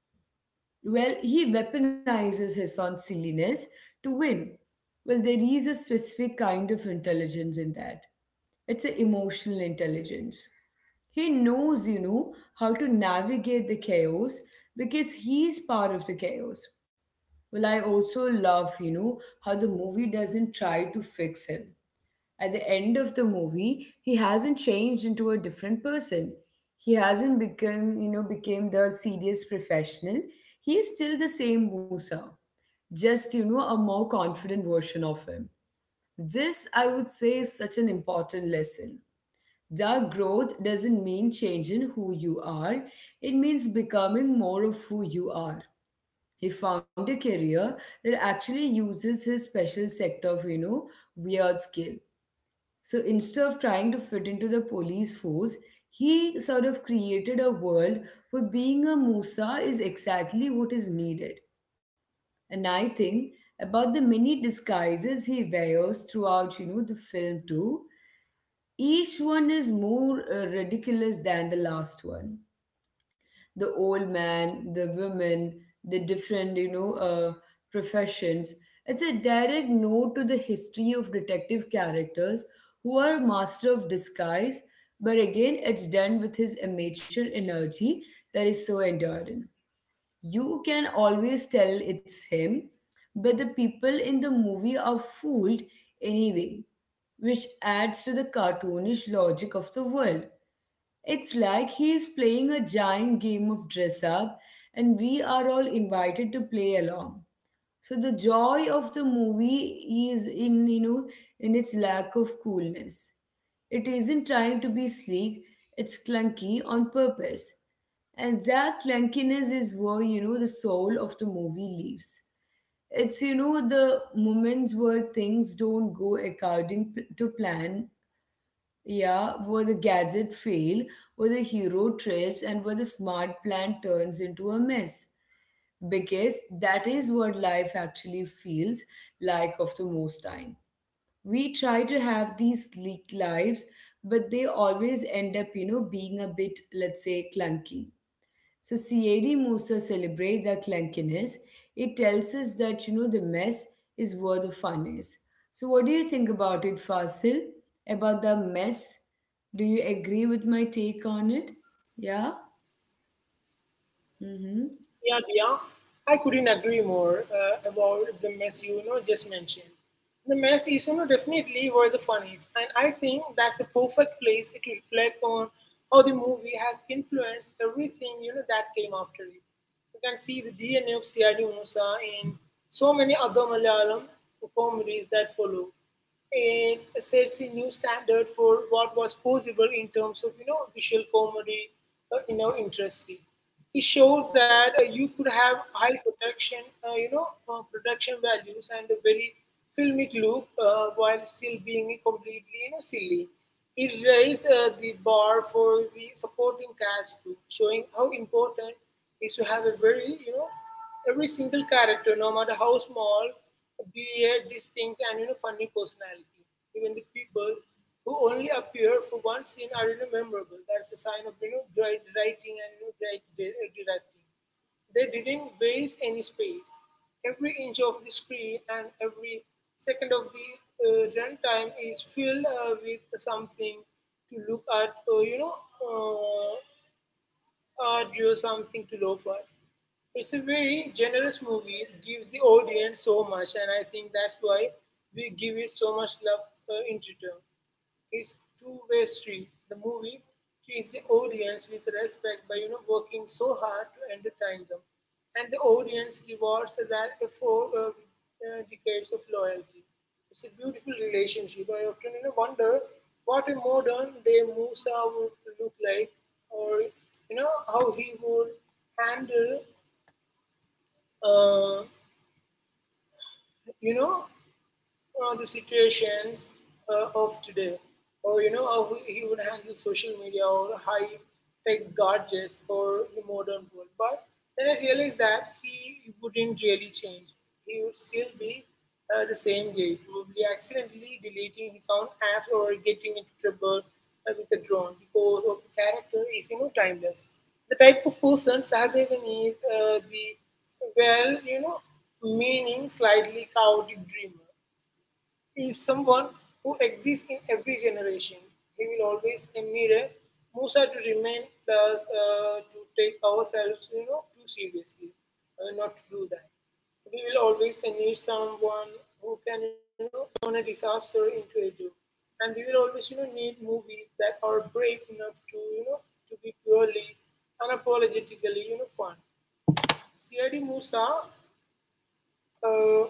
Speaker 1: Well, he weaponizes his son's silliness to win. Well, there is a specific kind of intelligence in that. It's an emotional intelligence. He knows, how to navigate the chaos because he's part of the chaos. Well, I also love, how the movie doesn't try to fix him. At the end of the movie, he hasn't changed into a different person. He hasn't become, became the serious professional. He is still the same Musa, just, a more confident version of him. This, I would say, is such an important lesson. The growth doesn't mean changing who you are, it means becoming more of who you are. He found a career that actually uses his special sector of, weird skill. So instead of trying to fit into the police force, he sort of created a world where being a Musa is exactly what is needed. And I think about the many disguises he wears throughout, the film too. Each one is more ridiculous than the last one: the old man, the women, the different, professions. It's a direct note to the history of detective characters who are master of disguise, but again, it's done with his amateur energy that is so enduring. You can always tell it's him, but the people in the movie are fooled anyway, which adds to the cartoonish logic of the world. It's like he is playing a giant game of dress up, and we are all invited to play along. So the joy of the movie is in in its lack of coolness. It isn't trying to be sleek; it's clunky on purpose, and that clunkiness is where the soul of the movie lives. It's the moments where things don't go according to plan, yeah, where the gadget fail, where the hero trips, and where the smart plan turns into a mess. Because that is what life actually feels like of the most time. We try to have these sleek lives, but they always end up, being a bit, let's say, clunky. So C.A.D. Musa celebrate the clunkiness. It tells us that the mess is where the fun is. So what do you think about it, Fasil? About the mess? Do you agree with my take on it? Yeah. Mm-hmm.
Speaker 2: Yeah, Dia, I couldn't agree more about the mess you, you know just mentioned. The mess is definitely where the fun is, and I think that's the perfect place to reflect on how the movie has influenced everything that came after it. You can see the DNA of Siyadi Musa in so many other Malayalam comedies that follow. It sets a new standard for what was possible in terms of visual comedy, interesting. He showed that you could have high protection, production values and a very filmic look while still being completely, silly. It raised the bar for the supporting cast too, showing how important is to have a very, every single character, no matter how small, be a distinct and funny personality. Even the people who only appear for one scene are memorable. That's a sign of great writing and great directing. They didn't waste any space. Every inch of the screen and every second of the runtime is filled with something to look at, uh, drew something to lo for. It's a very generous movie. It gives the audience so much, and I think that's why we give it so much love in return. It's two-way street. The movie treats the audience with respect by working so hard to entertain them, and the audience rewards that effort decades of loyalty. It's a beautiful relationship. I often wonder what a modern day Musa would look like, or how he would handle uh, you know the situations of today, or how he would handle social media or high tech gadgets or the modern world. But then I realized that he wouldn't really change. He would still be the same guy, probably accidentally deleting his own app or getting into trouble with a drone because of the character is timeless. The type of person Sahadevan is the well, meaning slightly chaotic dreamer is someone who exists in every generation. He will always emulate Musa to remain plus to take ourselves, too seriously, not to do that. We will always need someone who can, turn a disaster into a joke. And we will always, need movies that are brave enough to, to be purely unapologetically, fun. C.I.D. Musa uh,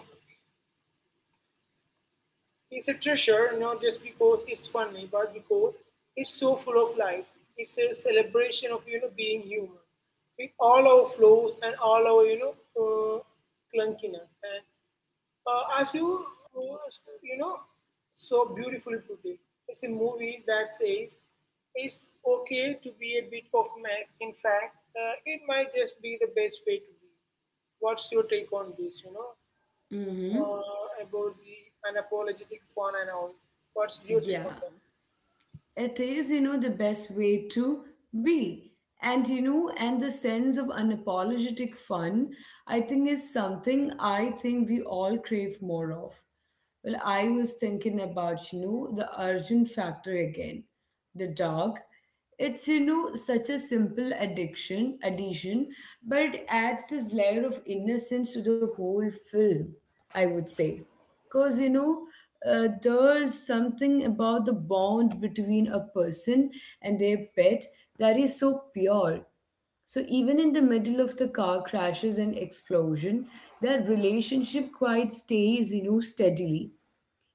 Speaker 2: it's a treasure not just because it's funny, but because it's so full of life. It's a celebration of being human, with all our flaws and all our uh, clunkiness. And as you uh, you know so beautifully put it, it's a movie that says it's okay to be a bit of mess. In fact, it might just be the best way to be. What's your take on this?
Speaker 1: Mm-hmm.
Speaker 2: About the unapologetic fun and all. What's your take on
Speaker 1: Yeah.
Speaker 2: that?
Speaker 1: It is, the best way to be. And you know, and the sense of unapologetic fun, I think is something I think we all crave more of. Well, I was thinking about, the urgent factor again. The dog. It's, such a simple addiction, addition, but it adds this layer of innocence to the whole film, I would say. Because, there's something about the bond between a person and their pet that is so pure. So even in the middle of the car crashes and explosion, that relationship quite stays, steadily,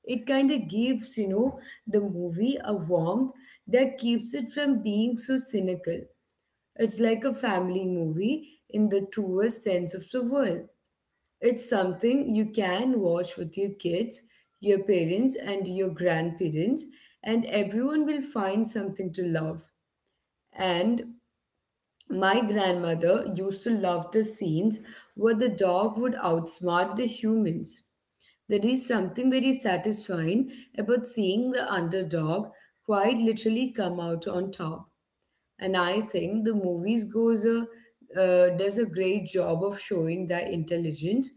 Speaker 1: it kind of gives, the movie a warmth that keeps it from being so cynical. It's like a family movie in the truest sense of the word. It's something you can watch with your kids, your parents, and your grandparents, and everyone will find something to love. And my grandmother used to love the scenes where the dog would outsmart the humans. There is something very satisfying about seeing the underdog quite literally come out on top, and I think the movies goes a does a great job of showing that intelligence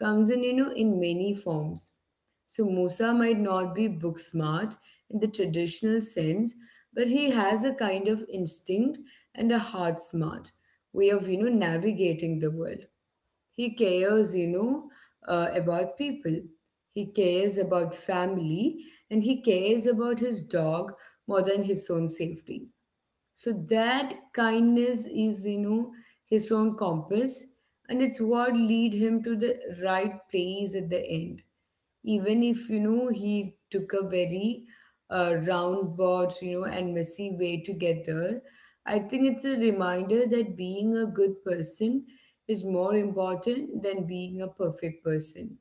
Speaker 1: comes in in many forms. So Musa might not be book smart in the traditional sense, but he has a kind of instinct and a heart smart way of navigating the world. He cares about people, he cares about family, and he cares about his dog more than his own safety. So that kindness is, his own compass, and it's what lead him to the right place at the end. Even if he took a very roundabout, and messy way to get there, I think it's a reminder that being a good person is more important than being a perfect person.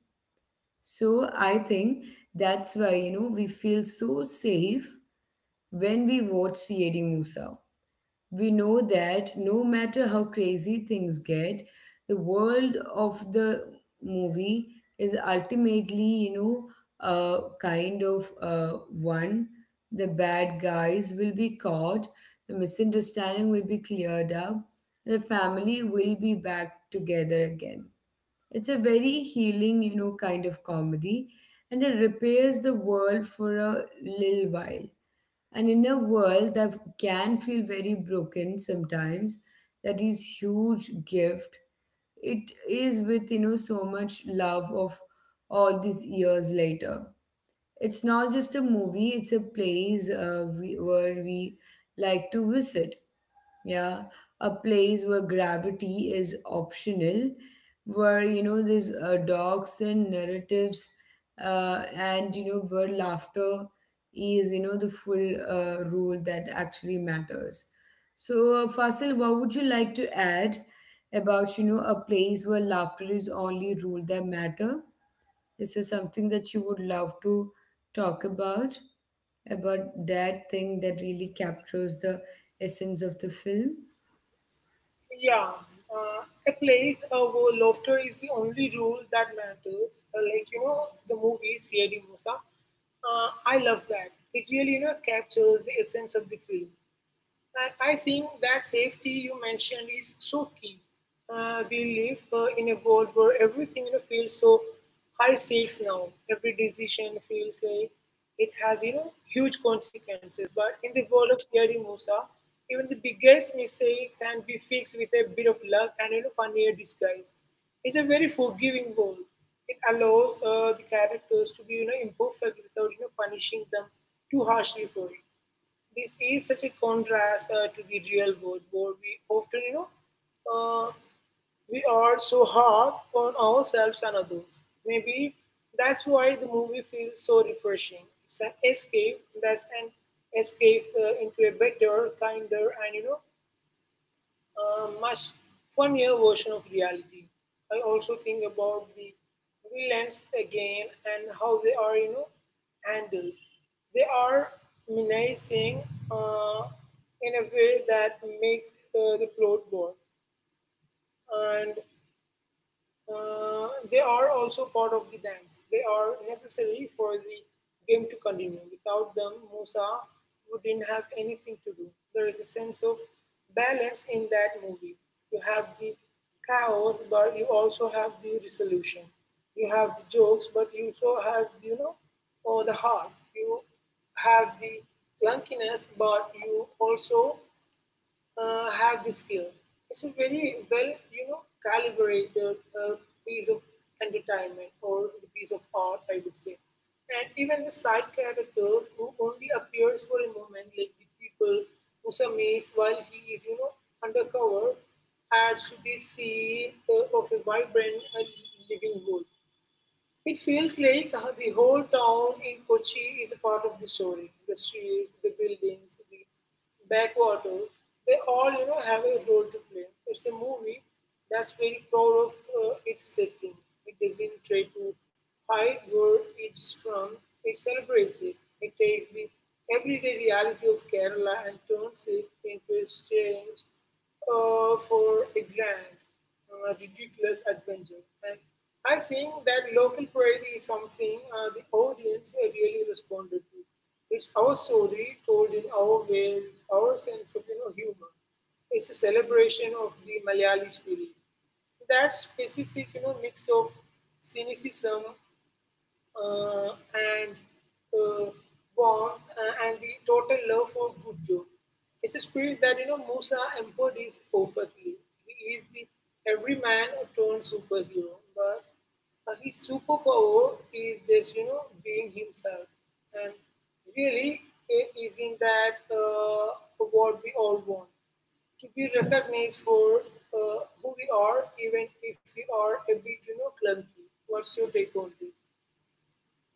Speaker 1: So I think that's why we feel so safe when we watch C.A.D. Musa. We know that no matter how crazy things get, the world of the movie is ultimately, a kind of one. The bad guys will be caught, the misunderstanding will be cleared up, the family will be back together again. It's a very healing, kind of comedy, and it repairs the world for a little while. And in a world that can feel very broken sometimes, that is huge gift. It is with so much love of all these years later. It's not just a movie; it's a place where we like to visit, yeah, a place where gravity is optional, where there's dogs and narratives, and where laughter is the full rule that actually matters. So Fasil, what would you like to add about a place where laughter is only rule that matter? Is there something that you would love to talk about that thing that really captures the essence of the film?
Speaker 2: Yeah, uh, a place where laughter is the only rule that matters. Like the movie C.I.D. Musa. I love that. It really captures the essence of the film. And I think that safety you mentioned is so key. We live in a world where everything feels so high stakes now. Every decision feels like it has huge consequences. But in the world of Sierra Musa, even the biggest mistake can be fixed with a bit of luck and funnier disguise. It's a very forgiving world. It allows the characters to be imperfect without punishing them too harshly for it. This is such a contrast to the real world where we often, uh, we are so hard on ourselves and others. Maybe that's why the movie feels so refreshing. It's an escape. That's an escape into a better, kinder, and a much funnier version of reality. I also think about the villains again and how they are, handled. They are menacing uh, in a way that makes the plot work. And they are also part of the dance. They are necessary for the game to continue. Without them, Musa wouldn't have anything to do. There is a sense of balance in that movie. You have the chaos, but you also have the resolution. You have the jokes, but you also have, or the heart. You have the clunkiness, but you also have this skill. It's a very well, calibrated piece of entertainment or the piece of art, I would say. And even the side characters who only appears for a moment, like the people who summates while he is, undercover, adds to the scene of a vibrant and living world. It feels like the whole town in Kochi is a part of the story. The streets, the buildings, the backwaters, they all have a role to play. It's a movie that's very proud of its setting. It doesn't try to hide where it's from. It celebrates it. It takes the everyday reality of Kerala and turns it into a stage for a grand ridiculous adventure. And I think that local pride is something the audience really responded to. It's our story told in our way, with our sense of humor. It's a celebration of the Malayali spirit. That specific mix of cynicism uh, and uh, warmth and the total love for good job. It's a spirit that Musa embodies perfectly. He is the everyman turned superhero, but his superpower is just being himself. And really, it isn't that what we all want to be recognized for who we are, even if we are a bit clunky. What's your take on this?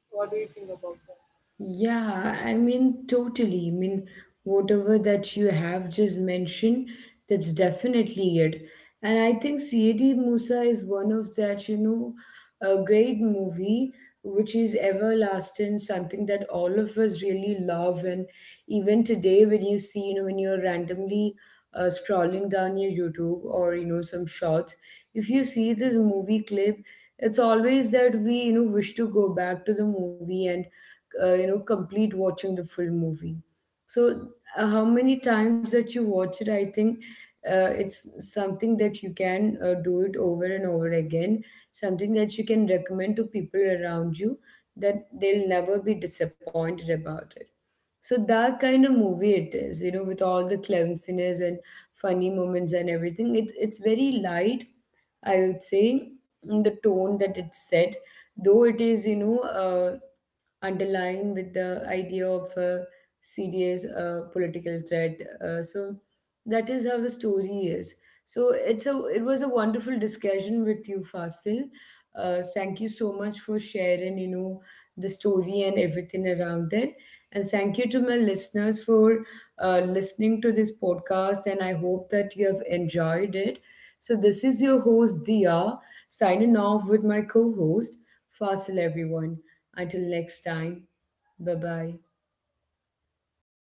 Speaker 2: What do you think about that?
Speaker 1: Yeah, I mean, totally. I mean, whatever that you have just mentioned, that's definitely it. And I think C.A.D. Musa is one of that, a great movie which is everlasting, something that all of us really love. And even today, when you see, when you're randomly scrolling down your YouTube or, some shots, if you see this movie clip, it's always that we, wish to go back to the movie and you know complete watching the full movie. So how many times that you watch it, I think it's something that you can do it over and over again, something that you can recommend to people around you, that they'll never be disappointed about it. So that kind of movie it is, you know, with all the clumsiness and funny moments and everything, it's very light, I would say, in the tone that it's set, though it is underlying with the idea of a serious political threat. So that is how the story is. So it was a wonderful discussion with you, Fasil. Thank you so much for sharing, the story and everything around it. And thank you to my listeners for listening to this podcast. And I hope that you have enjoyed it. So this is your host Dia, signing off with my co-host Fossil, everyone. Until next time, bye bye.